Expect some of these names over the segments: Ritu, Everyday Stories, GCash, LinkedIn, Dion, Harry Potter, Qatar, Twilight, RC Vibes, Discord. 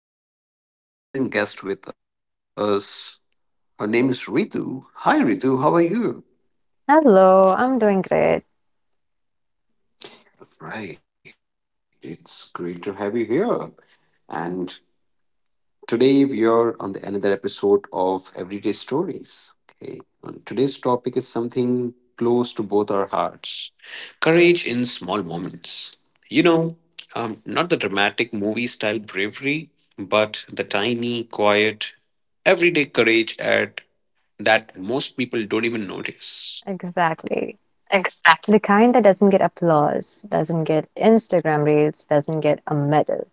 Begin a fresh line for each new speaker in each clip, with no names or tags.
Today we have an amazing guest with us. Her name is Ritu. Hi, Ritu. How are you?
Hello, I'm doing great.
Right. It's great to have you here. And Today we are on the another episode of Everyday Stories. Okay. And today's topic is something close to both our hearts. Courage in small moments. You know, Not the dramatic movie style bravery, but the tiny, quiet, everyday courage at that most people don't even notice.
Exactly. The kind that doesn't get applause, doesn't get Instagram reels, doesn't get a medal,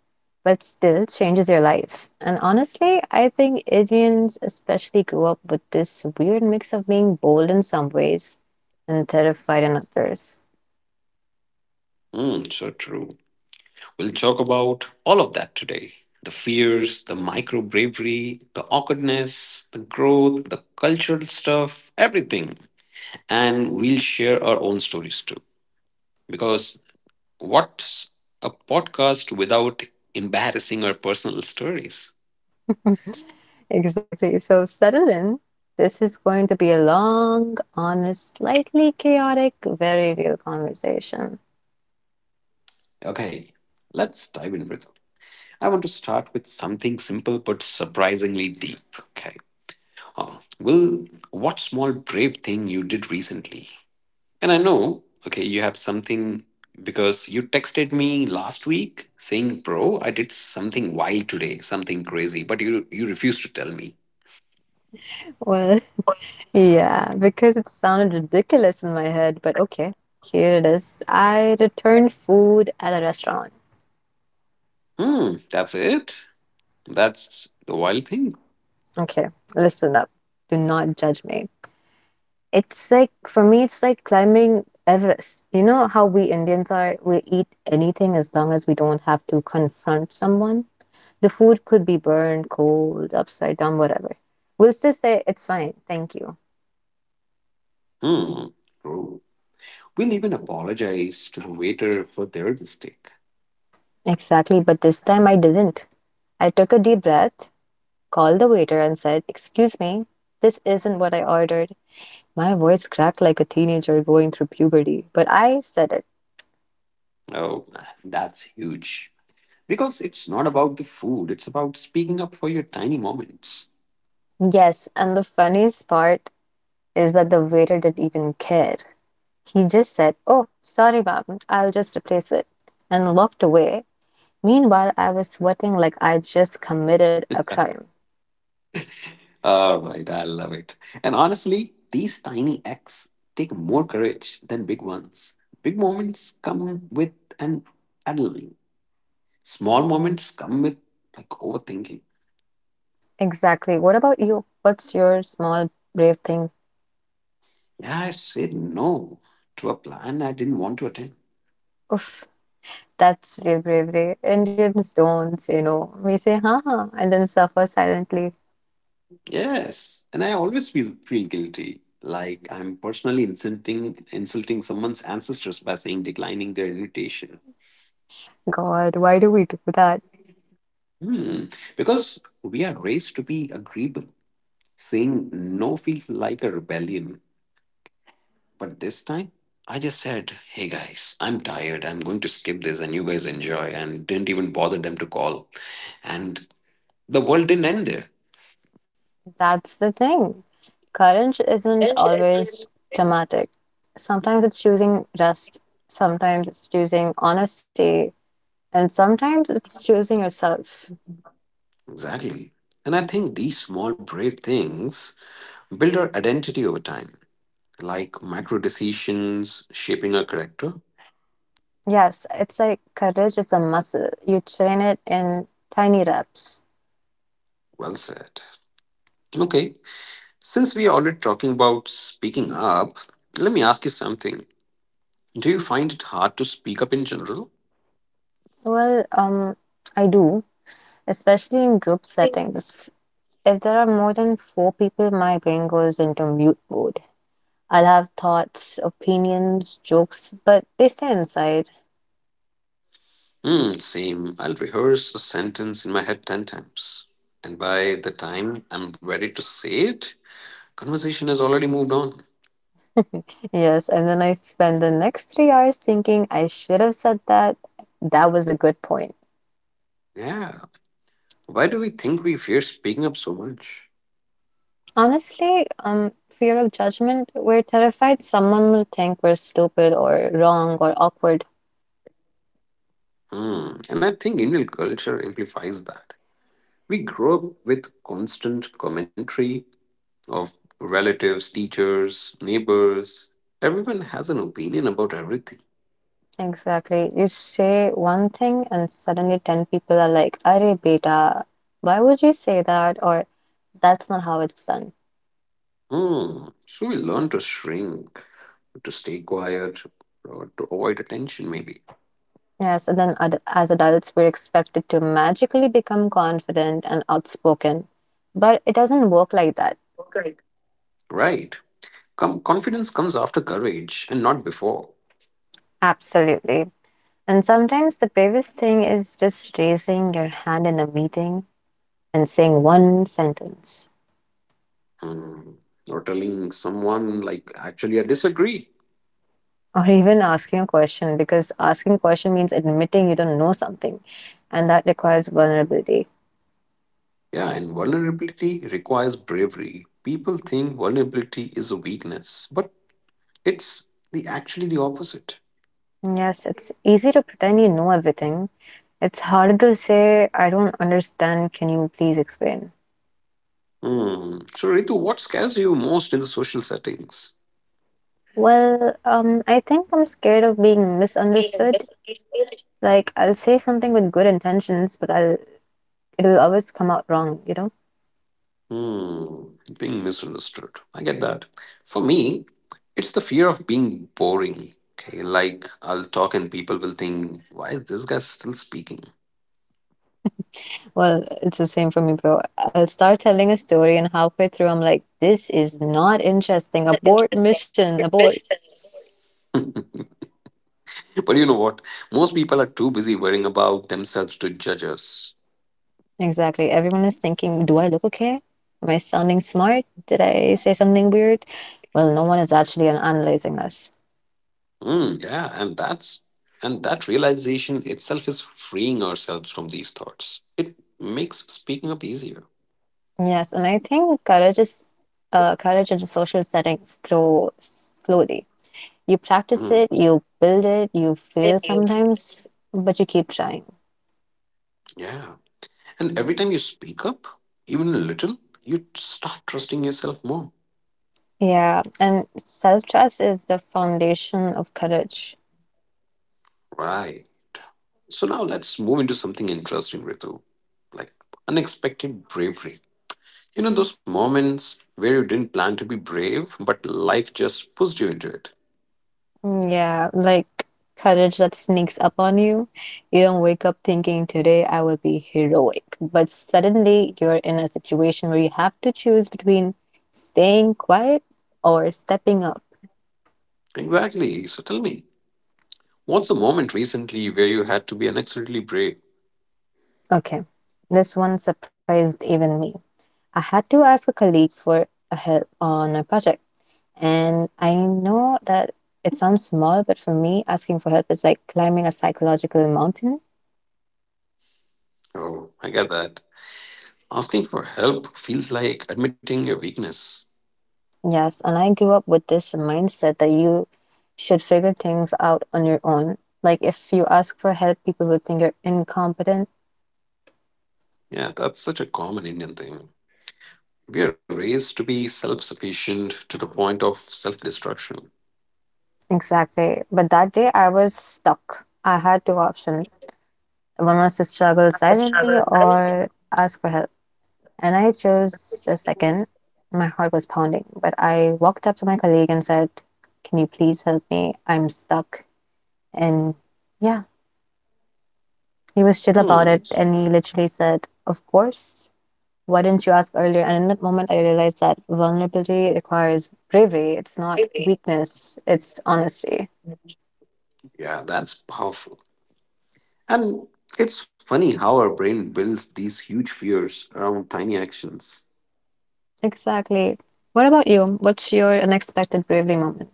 but still changes your life. And honestly, I think Indians especially grew up with this weird mix of being bold in some ways and terrified in others.
Mm, so true. We'll talk about all of that today, the fears, the micro bravery, the awkwardness, the growth, the cultural stuff, everything. And we'll share our own stories too. Because what's a podcast without embarrassing our personal stories?
Exactly. So settle in. This is going to be a long, honest, slightly chaotic, very real conversation.
Okay, let's dive in, Ritu. I want to start with something simple but surprisingly deep. Okay. Oh, well, what small brave thing you did recently? And I know, okay, you have something because you texted me last week saying, "Bro, I did something wild today, something crazy," but you refused to tell me.
Well, yeah, because it sounded ridiculous in my head, but okay, here it is. I returned food at a restaurant.
Hmm, that's it. That's the wild thing.
Okay, listen up. Do not judge me. It's like, for me, it's like climbing Everest. You know how we Indians are? We eat anything as long as we don't have to confront someone. The food could be burned, cold, upside down, whatever. We'll still say, it's fine, thank you.
Hmm, bro. We'll even apologize to the waiter for their mistake.
Exactly, but this time I didn't. I took a deep breath, called the waiter and said, "Excuse me, this isn't what I ordered." My voice cracked like a teenager going through puberty, but I said it.
Oh, man, that's huge. Because it's not about the food, it's about speaking up for your tiny moments.
Yes, and the funniest part is that the waiter didn't even care. He just said, "Oh, sorry, ma'am, I'll just replace it," and walked away. Meanwhile, I was sweating like I just committed a crime.
All right, I love it. And honestly, these tiny acts take more courage than big ones. Big moments come with an adrenaline. Small moments come with like overthinking.
Exactly. What about you? What's your small, brave thing?
Yeah, I said no to a plan I didn't want to attend.
Oof. That's real bravery. Indians don't say no. We say, huh, huh, and then suffer silently.
Yes, and I always feel guilty. Like I'm personally insulting someone's ancestors by saying declining their invitation.
God, why do we do that?
Hmm. Because we are raised to be agreeable. Saying no feels like a rebellion. But this time, I just said, hey guys, I'm tired. I'm going to skip this and you guys enjoy. And didn't even bother them to call. And the world didn't end there.
That's the thing. Courage isn't always dramatic. Sometimes it's choosing rest, sometimes it's choosing honesty, and sometimes it's choosing yourself.
Exactly. And I think these small, brave things build our identity over time, like micro decisions shaping our character.
Yes, it's like courage is a muscle. You train it in tiny reps.
Well said. Okay. Since we are already talking about speaking up, let me ask you something. Do you find it hard to speak up in general?
Well, I do, especially in group settings. If there are more than four people, my brain goes into mute mode. I'll have thoughts, opinions, jokes, but they stay inside.
Hmm, same. I'll rehearse a sentence in my head 10 times. And by the time I'm ready to say it, conversation has already moved on.
Yes, and then I spend the next 3 hours thinking, "I should have said that. That was a good point."
Yeah. Why do we think we fear speaking up so much?
Honestly, fear of judgment, we're terrified someone will think we're stupid or wrong or awkward.
Hmm. And I think Indian culture amplifies that. We grow up with constant commentary of relatives, teachers, neighbors. Everyone has an opinion about everything.
Exactly. You say one thing and suddenly 10 people are like, "Arey beta, why would you say that? Or that's not how it's done."
Hmm. So we learn to shrink, to stay quiet, or to avoid attention, maybe.
Yes, and then as adults, we're expected to magically become confident and outspoken. But it doesn't work like that.
Right. Confidence comes after courage and not before.
Absolutely. And sometimes the bravest thing is just raising your hand in a meeting and saying one sentence.
Hmm. Or telling someone, like, actually, I disagree.
Or even asking a question, because asking a question means admitting you don't know something, and that requires vulnerability.
Yeah, and vulnerability requires bravery. People think vulnerability is a weakness, but it's the actually the opposite.
Yes, it's easy to pretend you know everything. It's harder to say, "I don't understand, can you please explain?"
Hmm. So, Ritu, what scares you most in the social settings?
Well, I think I'm scared of being misunderstood. Like, I'll say something with good intentions, but I'll it'll always come out wrong, you know?
Hmm, being misunderstood. I get that. For me, it's the fear of being boring. Okay, like I'll talk and people will think, why is this guy still speaking?
Well, it's the same for me, bro. I'll start telling a story and halfway through I'm like, this is not interesting. Abort mission, abort.
But you know what? Most people are too busy worrying about themselves to judge us.
Exactly. Everyone is thinking, do I look okay? Am I sounding smart? Did I say something weird? Well, no one is actually analyzing us.
Hmm, yeah, and that realization itself is freeing ourselves from these thoughts. It makes speaking up easier.
Yes, and I think courage in social settings grow slowly. You practice
Mm,
it, you build it, you fail sometimes, but you keep trying.
yeah. And every time you speak up, even a little, you start trusting yourself more.
Yeah, and self trust is the foundation of courage.
Right. So now let's move into something interesting, Ritu. Like unexpected bravery. You know those moments where you didn't plan to be brave, but life just pushed you into it.
Mm, yeah, like courage that sneaks up on you. You don't wake up thinking, today I will be heroic. But suddenly you're in a situation where you have to choose between staying quiet or stepping up.
Exactly. So tell me, what's a moment recently where you had to be unexpectedly brave?
Okay, this one surprised even me. I had to ask a colleague for a help on a project. And I know that it sounds small, but for me, asking for help is like climbing a psychological mountain.
Oh, I get that. Asking for help feels like admitting your weakness.
Yes, and I grew up with this mindset that you should figure things out on your own. Like, if you ask for help, people would think you're incompetent.
Yeah, that's such a common Indian thing. We are raised to be self sufficient to the point of self destruction.
Exactly. But that day I was stuck. I had two options. One was to struggle silently or ask for help. And I chose the second. My heart was pounding, but I walked up to my colleague and said, "Can you please help me? I'm stuck." And yeah, he was chill about it.
Hmm.
And he literally said, "Of course. Why didn't you ask earlier?" And in that moment, I realized that vulnerability requires bravery. It's not weakness, it's honesty.
Yeah, that's powerful. And it's funny how our brain builds these huge fears around tiny actions.
Exactly. What about you? What's your unexpected bravery moment?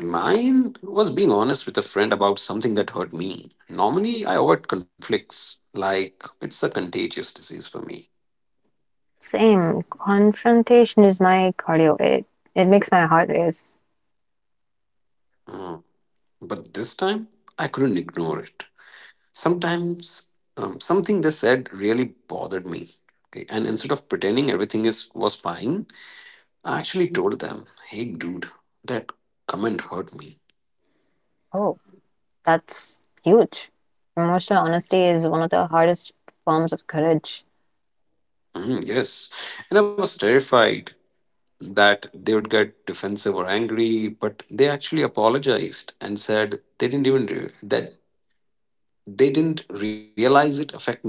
Mine was being honest with a friend about something that hurt me. Normally, I avoid conflicts, like it's a contagious disease for me.
Same. Confrontation is my cardio. It makes my heart race.
Mm. But this time, I couldn't ignore it. Sometimes, something they said really bothered me. Okay, and instead of pretending everything is was fine, I actually told them, "Hey, dude, that comment hurt me."
Oh, that's huge. Emotional honesty is one of the hardest forms of courage.
Mm, yes. And I was terrified that they would get defensive or angry, but they actually apologized and said they didn't even re- that they didn't realize it affect me.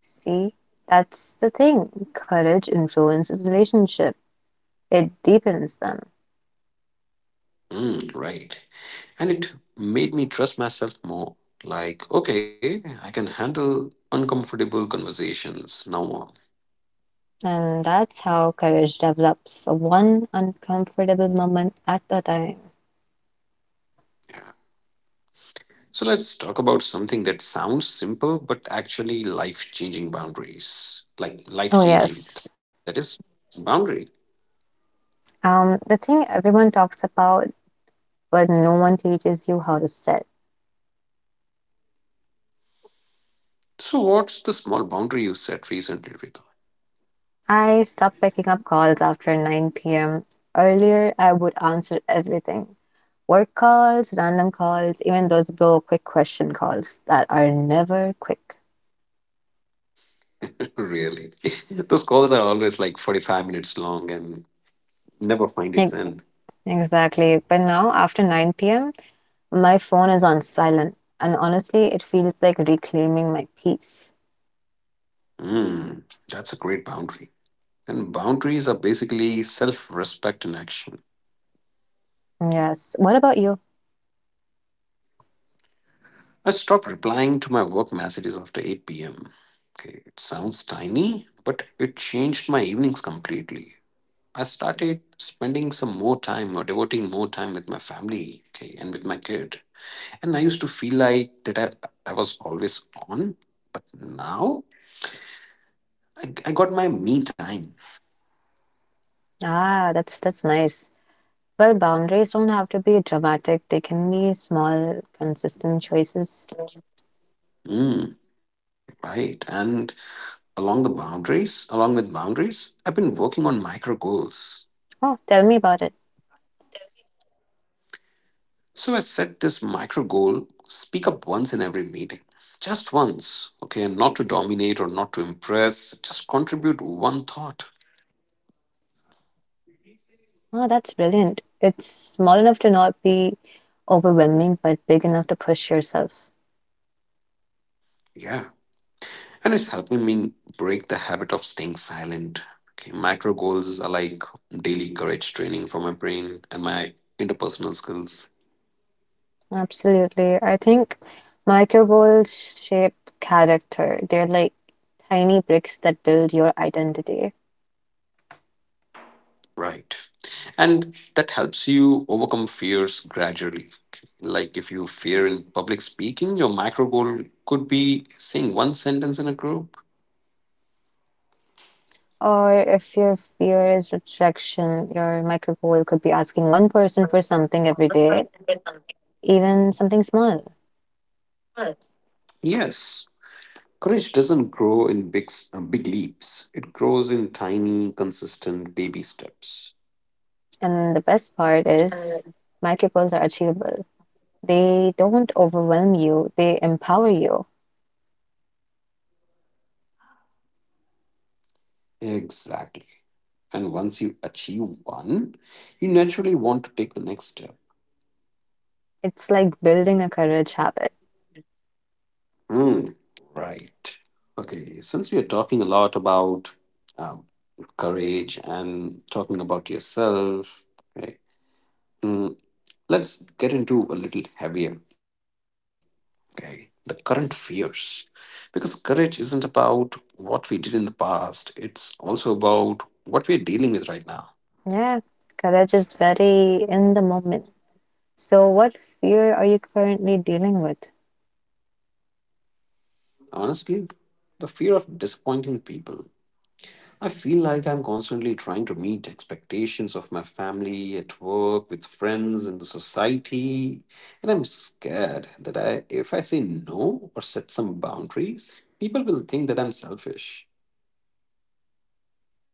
See, that's the thing. Courage influences relationship. It deepens them.
Mm, right. And it made me trust myself more. Like, okay, I can handle uncomfortable conversations now on.
And that's how courage develops one uncomfortable moment at a time.
Yeah. So let's talk about something that sounds simple but actually life-changing boundaries. Like
Oh,
life-changing,
yes.
that is boundaries.
The thing everyone talks about, but no one teaches you how to sit.
So, what's the small boundary you set recently, Ritu?
I stopped picking up calls after 9 p.m. Earlier, I would answer everything: work calls, random calls, even those bro quick question calls that are never quick.
Really? Those calls are always like 45 minutes long and never find
Like,
its end.
exactly. But now, after 9 p.m., my phone is on silent. And honestly, it feels like reclaiming my peace.
Mm, that's a great boundary. And boundaries are basically self respect in action.
Yes. What about you?
I stopped replying to my work messages after 8 p.m. Okay, it sounds tiny, but it changed my evenings completely. I started spending some more time or devoting more time with my family, okay, and with my kid. And I used to feel like that I was always on, but now, I got my me time.
Ah, that's nice. Well, boundaries don't have to be dramatic. They can be small, consistent choices.
Mm, right. And along with boundaries, I've been working on micro goals.
Oh, tell me about it.
So I set this micro goal, speak up once in every meeting, just once, okay, and not to dominate or not to impress, just contribute one thought.
Oh, that's brilliant. It's small enough to not be overwhelming, but big enough to push yourself.
Yeah, and it's helping me break the habit of staying silent. Okay, micro goals are like daily courage training for my brain and my interpersonal skills,
Absolutely. I think micro goals shape character. They're like tiny bricks that build your identity.
right? And that helps you overcome fears gradually. Okay, like if you fear in public speaking, your micro goal could be saying one sentence in a group.
Or if your fear is rejection, your micro goal could be asking one person for something every day, even something small.
Yes, courage doesn't grow in big leaps. It grows in tiny, consistent baby steps.
And the best part is, micro goals are achievable. They don't overwhelm you, they empower you.
Exactly. And once you achieve one, you naturally want to take the next step.
It's like building a courage habit.
Hmm. Right. Okay. Since we are talking a lot about um, courage and talking about yourself, okay, mm, let's get into a little heavier. Okay. The current fears. Because courage isn't about what we did in the past, it's also about what we're dealing with right now.
Yeah, courage is very in the moment. So, what fear are you currently dealing with?
Honestly, the fear of disappointing people. I feel like I'm constantly trying to meet expectations of my family, at work, with friends, in the society, and I'm scared that if I say no or set some boundaries, people will think that I'm selfish.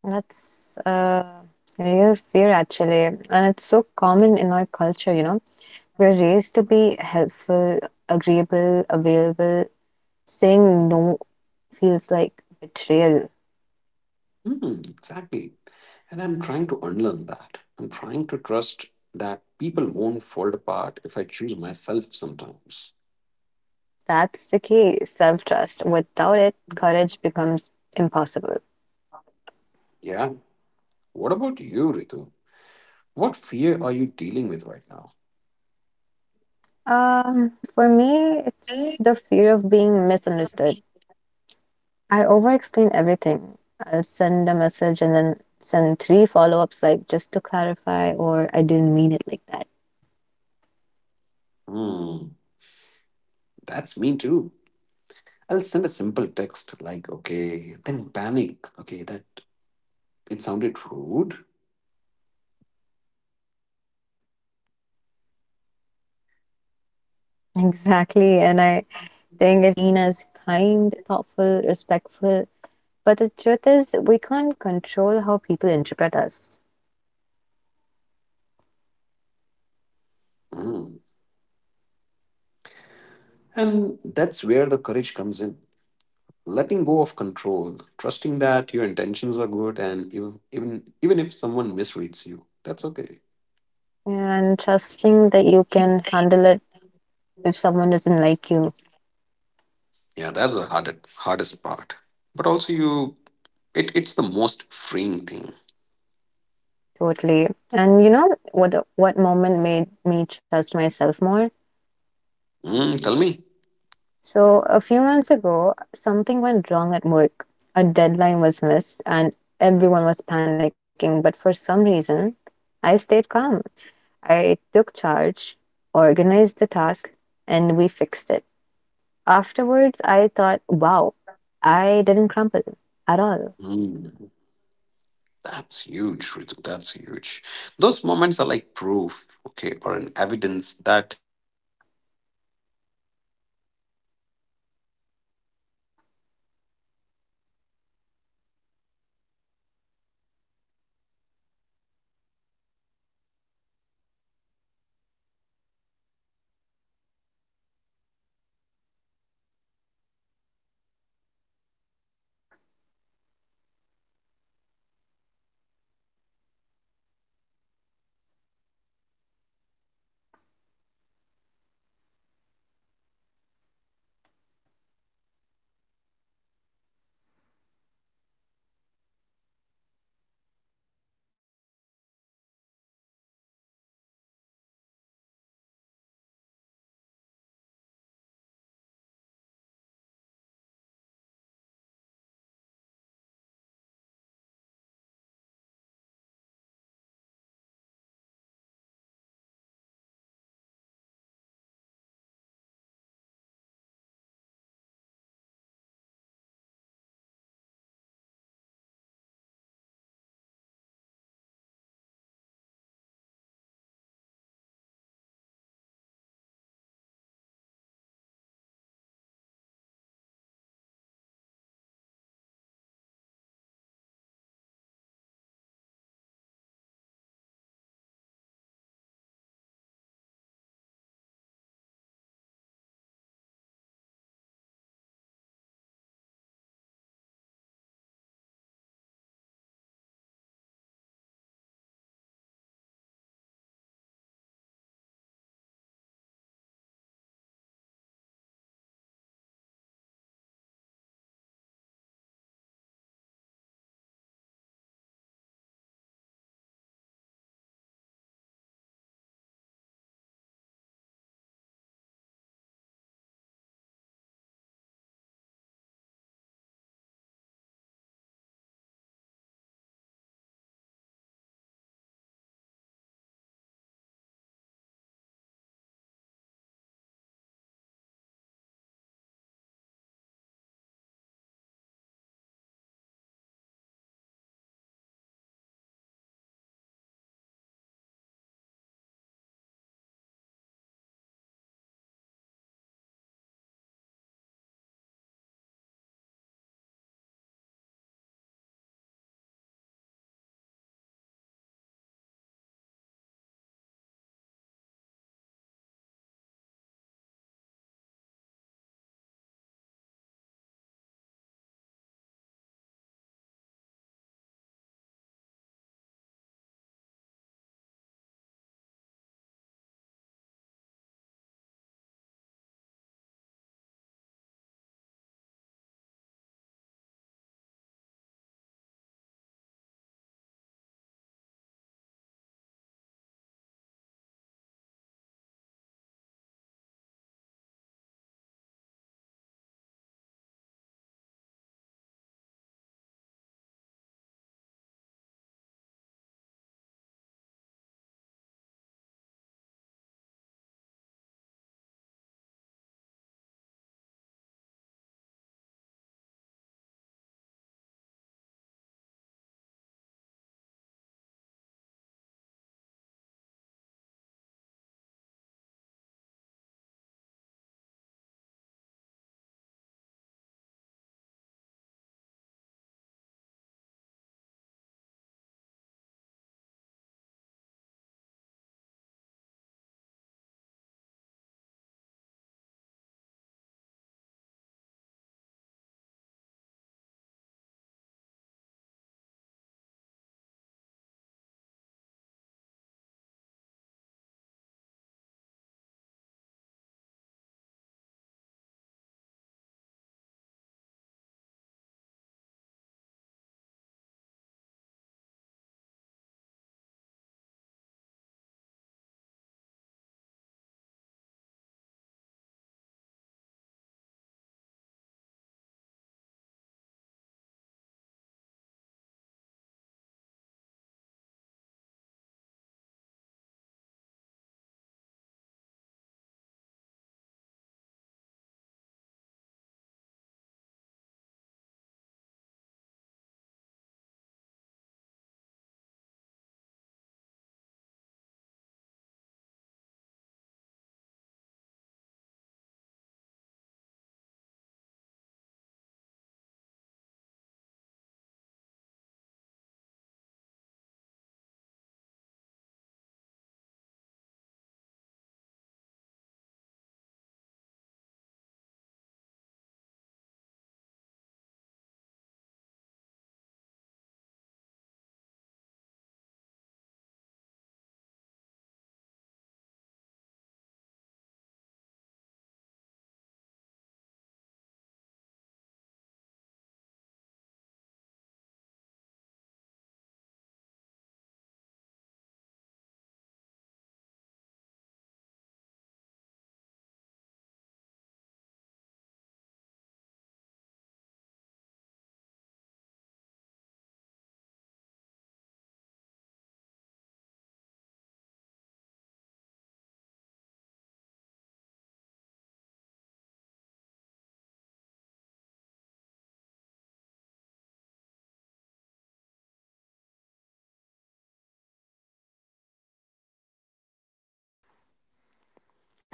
That's a real fear, actually. And it's so common in our culture, you know. We're raised to be helpful, agreeable, available. Saying no feels like betrayal.
Hmm, exactly. And I'm trying to unlearn that. I'm trying to trust that people won't fall apart if I choose myself sometimes.
That's the key, self-trust. Without it, courage becomes impossible.
Yeah. What about you, Ritu? What fear are you dealing with right now?
For me, it's the fear of being misunderstood. I overexplain everything. I'll send a message and then send three follow-ups, like just to clarify, or I didn't mean it like that.
Hmm. That's me too. I'll send a simple text like, okay, then panic. Okay, that it sounded rude.
Exactly. And I think it comes from wanting to be liked, maybe, because wanting to be seen as kind, thoughtful, respectful. But the truth is, we can't control how people interpret us.
Mm. And that's where the courage comes in. Letting go of control, trusting that your intentions are good, and even if someone misreads you, that's okay.
And trusting that you can handle it if someone doesn't like you.
Yeah, that's the hardest part. But also, it's the most freeing thing.
Totally. And you know what moment made me trust myself more?
Mm, tell me.
So, a few months ago, something went wrong at work. A deadline was missed and everyone was panicking, but for some reason, I stayed calm. I took charge, organized the task, and we fixed it. Afterwards, I thought, wow, I didn't crumple at all.
Mm, that's huge, Ritu. That's huge.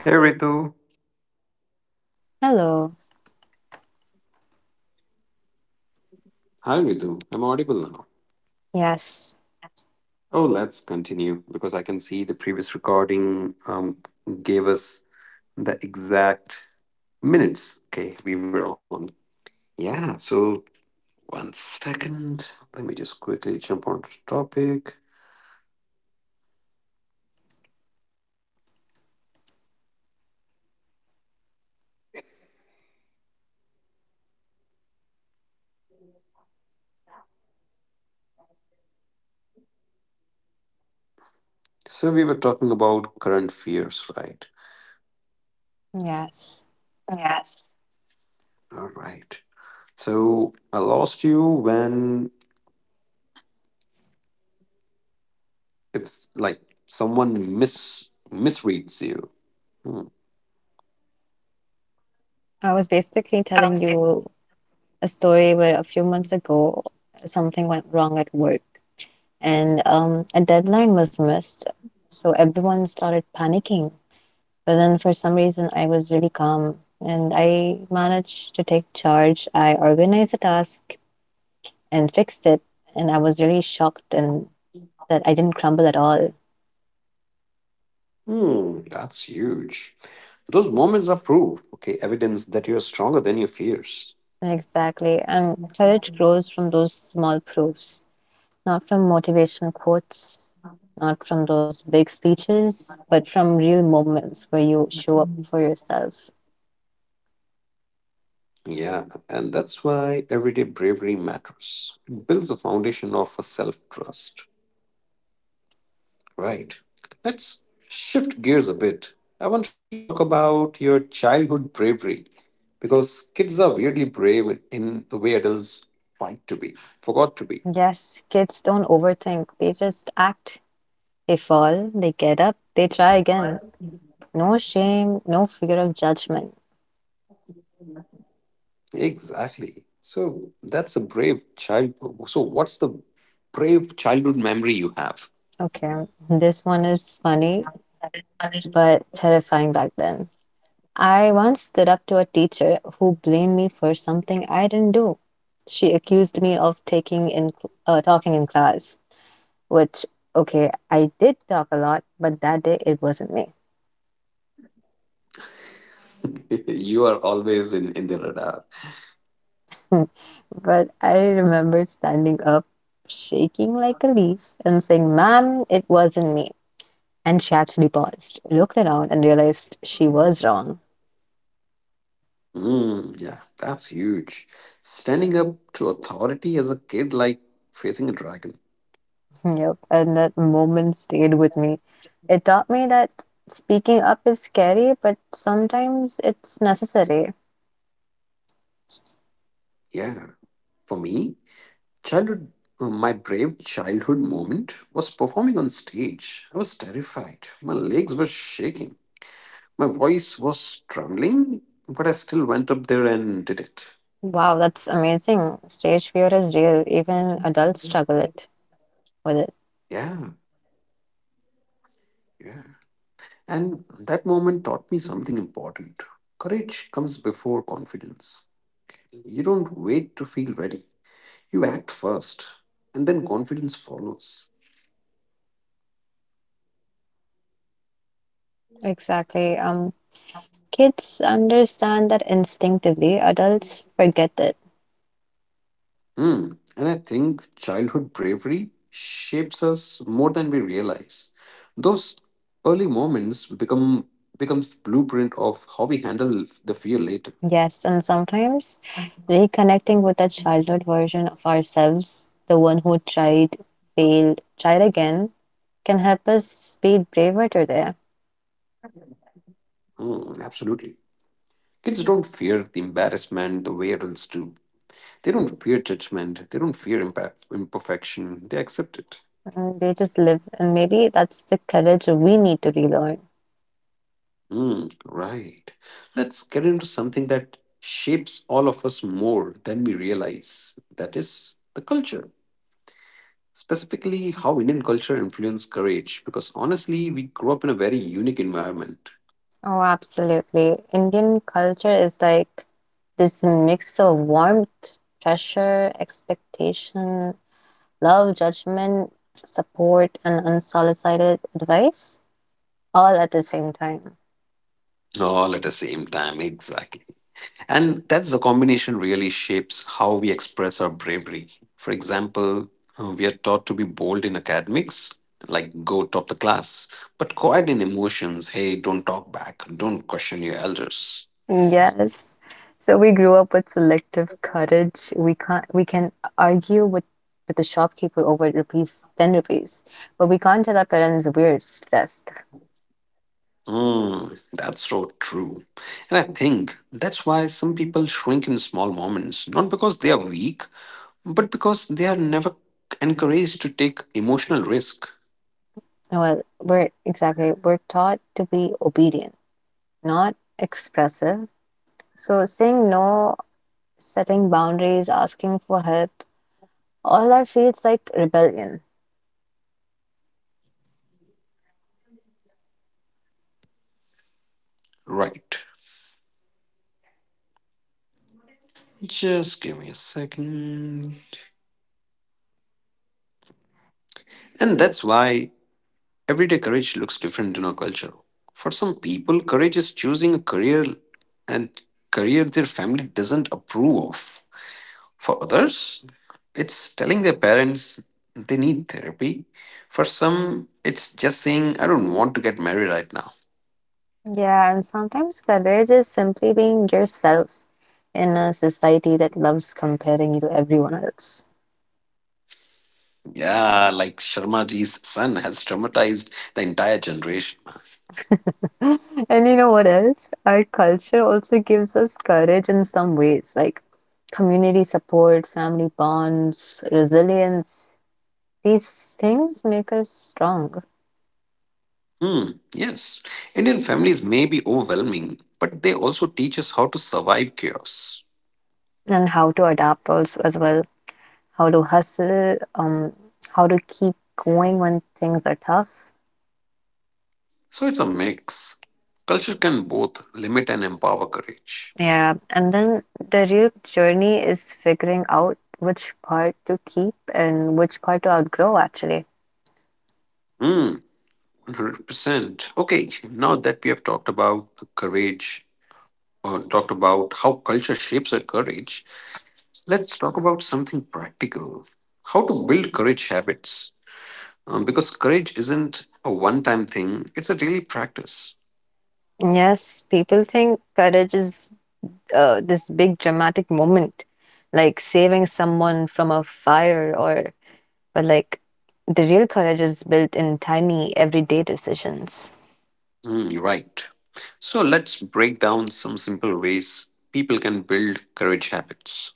Hey Ritu.
Hello.
Hi, Ritu. I'm audible now.
Yes.
Oh, let's continue because I can see the previous recording gave us the exact minutes. Okay, we were on. Yeah, so one second. Let me just quickly jump on to the topic. So, we were talking about current fears, right?
Yes.
All right. So, I lost you when it's like someone misreads you. Hmm.
I was basically telling you a story where a few months ago, something went wrong at work. And a deadline was missed. So everyone started panicking. But then for some reason, I was really calm and I managed to take charge. I organized the task and fixed it. And I was really shocked and that I didn't crumble at all.
Hmm, that's huge. Those moments are proof, okay, evidence that you're stronger than your fears.
Exactly. And courage grows from those small proofs, not from motivational quotes, not from those big speeches, but from real moments where you show up for yourself.
Yeah, and that's why everyday bravery matters. It builds a foundation of a self-trust, right? Let's shift gears a bit. I want to talk about your childhood bravery because kids are weirdly brave in the way adults fight to be, forgot to be.
Yes, kids don't overthink. They just act. They fall, they get up, they try again. No shame, no fear of judgment.
Exactly. So that's a brave child. So what's the brave childhood memory you have?
Okay, this one is funny, but terrifying back then. I once stood up to a teacher who blamed me for something I didn't do. She accused me of taking in talking in class, which, okay, I did talk a lot, but that day it wasn't me.
You are always in the radar.
But I remember standing up, shaking like a leaf, and saying, "Ma'am, it wasn't me." And she actually paused, looked around, and realized she was wrong.
Mm, yeah, that's huge. Standing up to authority as a kid, like facing a dragon.
Yep. And that moment stayed with me. It taught me that speaking up is scary, but sometimes it's necessary.
Yeah, for me, childhood, my brave childhood moment was performing on stage. I was terrified. My legs were shaking. My voice was trembling, but I still went up there and did it.
Wow, that's amazing. Stage fear is real. Even adults struggle it with it.
Yeah, yeah. And that moment taught me something important. Courage comes before confidence. You don't wait to feel ready, you act first, and then confidence follows.
Exactly. Kids understand that instinctively, adults forget it.
Hmm. And I think childhood bravery shapes us more than we realize. Those early moments become becomes the blueprint of how we handle the fear later.
Yes, and sometimes reconnecting with that childhood version of ourselves, the one who tried, failed, tried again, can help us be braver today.
Hmm, absolutely. Kids don't fear the embarrassment the way adults do. They don't fear judgment. They don't fear imperfection. They accept it.
And they just live, and maybe that's the courage we need to relearn.
Hmm, right. Let's get into something that shapes all of us more than we realize. That is the culture. Specifically, how Indian culture influenced courage. Because honestly, we grew up in a very unique environment.
Oh, absolutely. Indian culture is like this mix of warmth, pressure, expectation, love, judgment, support, and unsolicited advice all at the same time.
All at the same time, exactly. And that's the combination really shapes how we express our bravery. For example, we are taught to be bold in academics, like go top the class, but quiet in emotions. Hey, don't talk back, don't question your elders.
Yes. So we grew up with selective courage. We can't we can argue with the shopkeeper over rupees, 10 rupees, but we can't tell our parents we're stressed.
Mm, that's so true. And I think that's why some people shrink in small moments, not because they are weak, but because they are never encouraged to take emotional risk.
Well, we're taught to be obedient, not expressive. So saying no, setting boundaries, asking for help, all that feels like rebellion.
Right. Just give me a second. And that's why everyday courage looks different in our culture. For some people, courage is choosing a career and career their family doesn't approve of. For others, it's telling their parents they need therapy. For some, it's just saying, I don't want to get married right now.
Yeah, and sometimes courage is simply being yourself in a society that loves comparing you to everyone else.
Yeah, like Sharmaji's son has traumatized the entire generation.
And you know what else? Our culture also gives us courage in some ways, like community support, family bonds, resilience. These things make us strong.
Hmm, yes. Indian families may be overwhelming, but they also teach us how to survive chaos.
And how to adapt also as well. How to hustle, how to keep going when things are tough.
So it's a mix. Culture can both limit and empower courage.
Yeah. And then the real journey is figuring out which part to keep and which part to outgrow, actually.
Hmm, 100%. Okay, now that we have talked about courage, or talked about how culture shapes our courage, let's talk about something practical. How to build courage habits. Because courage isn't a one time thing, it's a daily practice.
Yes, people think courage is this big dramatic moment, like saving someone from a fire, or, but like, the real courage is built in tiny everyday decisions.
Hmm, you're right. So let's break down some simple ways people can build courage habits.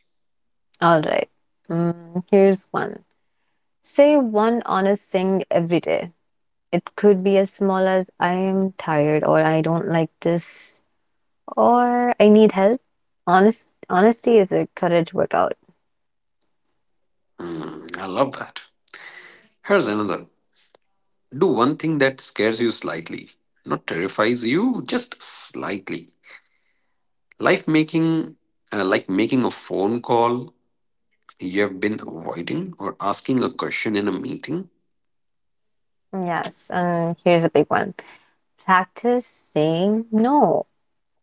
All right. Here's one. Say one honest thing every day. It could be as small as "I am tired" or "I don't like this" or "I need help." Honesty is a courage workout.
Hmm, I love that. Here's another. Do one thing that scares you slightly, not terrifies you, just slightly. Life making, like making a phone call you have been avoiding, or asking a question in a meeting.
Yes, and here's a big one. Practice saying no.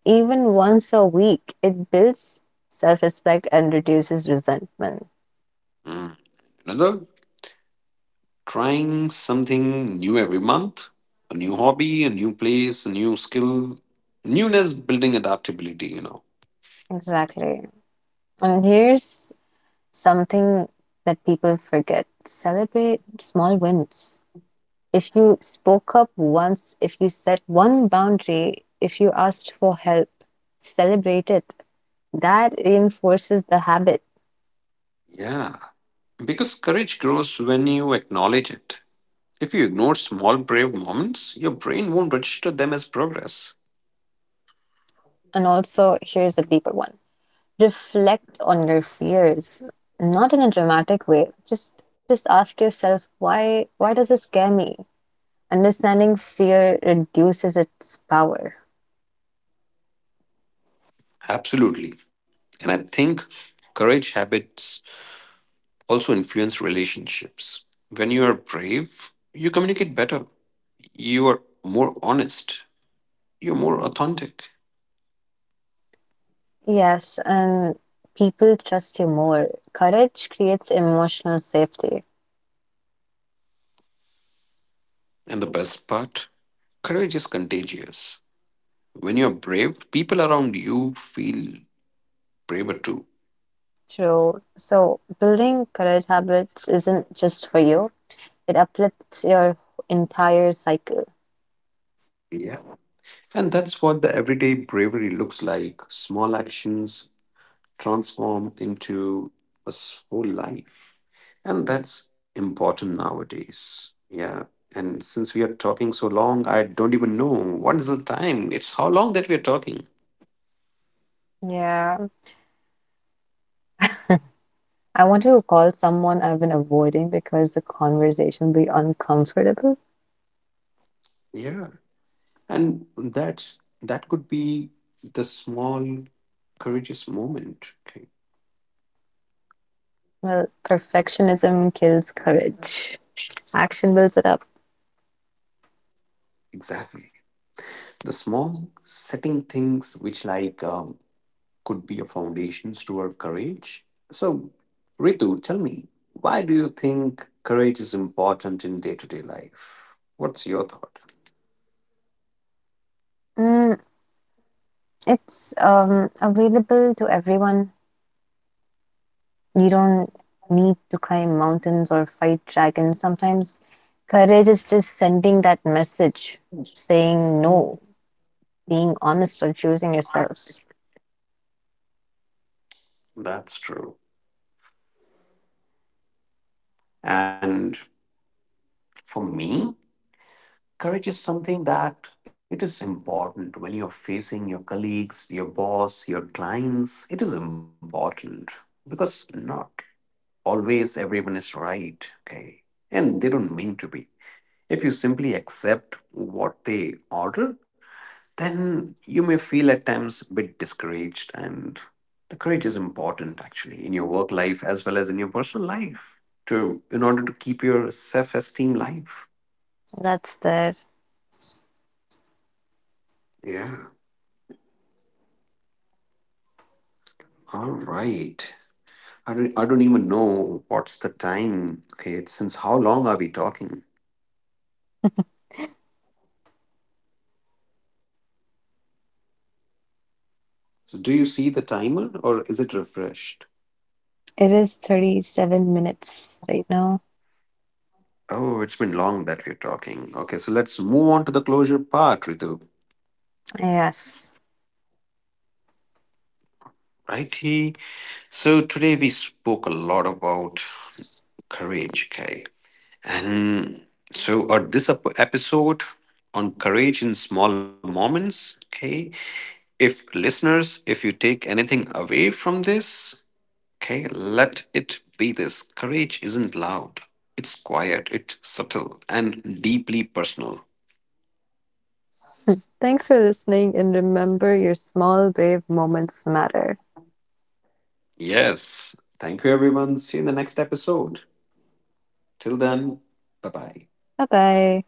Even once a week, it builds self respect and reduces resentment.
Mm. Another, trying something new every month, a new hobby, a new place, a new skill. Newness building adaptability, you know.
Exactly. And here's something that people forget: celebrate small wins. If you spoke up once, if you set one boundary, if you asked for help, celebrate it. That reinforces the habit.
Yeah, because courage grows when you acknowledge it. If you ignore small, brave moments, your brain won't register them as progress.
And also, here's a deeper one: reflect on your fears, not in a dramatic way, just ask yourself, why does this scare me? Understanding fear reduces its power.
Absolutely. And I think courage habits also influence relationships. When you are brave, you communicate better, you are more honest, you're more authentic.
Yes, and people trust you more. Courage creates emotional safety.
And the best part, courage is contagious. When you're brave, people around you feel braver too.
True. So building courage habits isn't just for you, it uplifts your entire cycle.
Yeah. And that's what the everyday bravery looks like. Small actions transform into whole life. And that's important nowadays. Yeah. And since we are talking so long, I don't even know what is the time. It's how long that we are talking.
Yeah, I want to call someone I've been avoiding because the conversation will be uncomfortable.
Yeah. And that's that could be the small courageous moment. Okay.
Well, perfectionism kills courage. Action builds it up.
Exactly. The small setting things which like could be a foundation toward courage. So, Ritu, tell me, why do you think courage is important in day to day life? What's your thought?
Mm, it's available to everyone. You don't need to climb mountains or fight dragons. Sometimes courage is just sending that message, saying no, being honest, or choosing yourself.
That's true. And for me, courage is something that it is important when you're facing your colleagues, your boss, your clients. It is important because not always everyone is right, okay? And they don't mean to be. If you simply accept what they order, then you may feel at times a bit discouraged, and the courage important actually in your work life as well as in your personal life to in order to keep your self-esteem life.
That's there.
Yeah, all right. I don't even know what's the time. Okay, it's since how long are we talking? So do you see the timer or is it refreshed?
It is 37 minutes right now.
Oh, it's been long that we're talking. Okay, so let's move on to the closure part, Ritu.
Yes.
Righty. So today we spoke a lot about courage, okay. And so, or this episode on courage in small moments, okay. If listeners, if you take anything away from this, okay, let it be this: courage isn't loud, it's quiet, it's subtle, and deeply personal.
Thanks for listening and remember, your small, brave moments matter.
Yes. Thank you, everyone. See you in the next episode. Till then, bye bye.
Bye bye.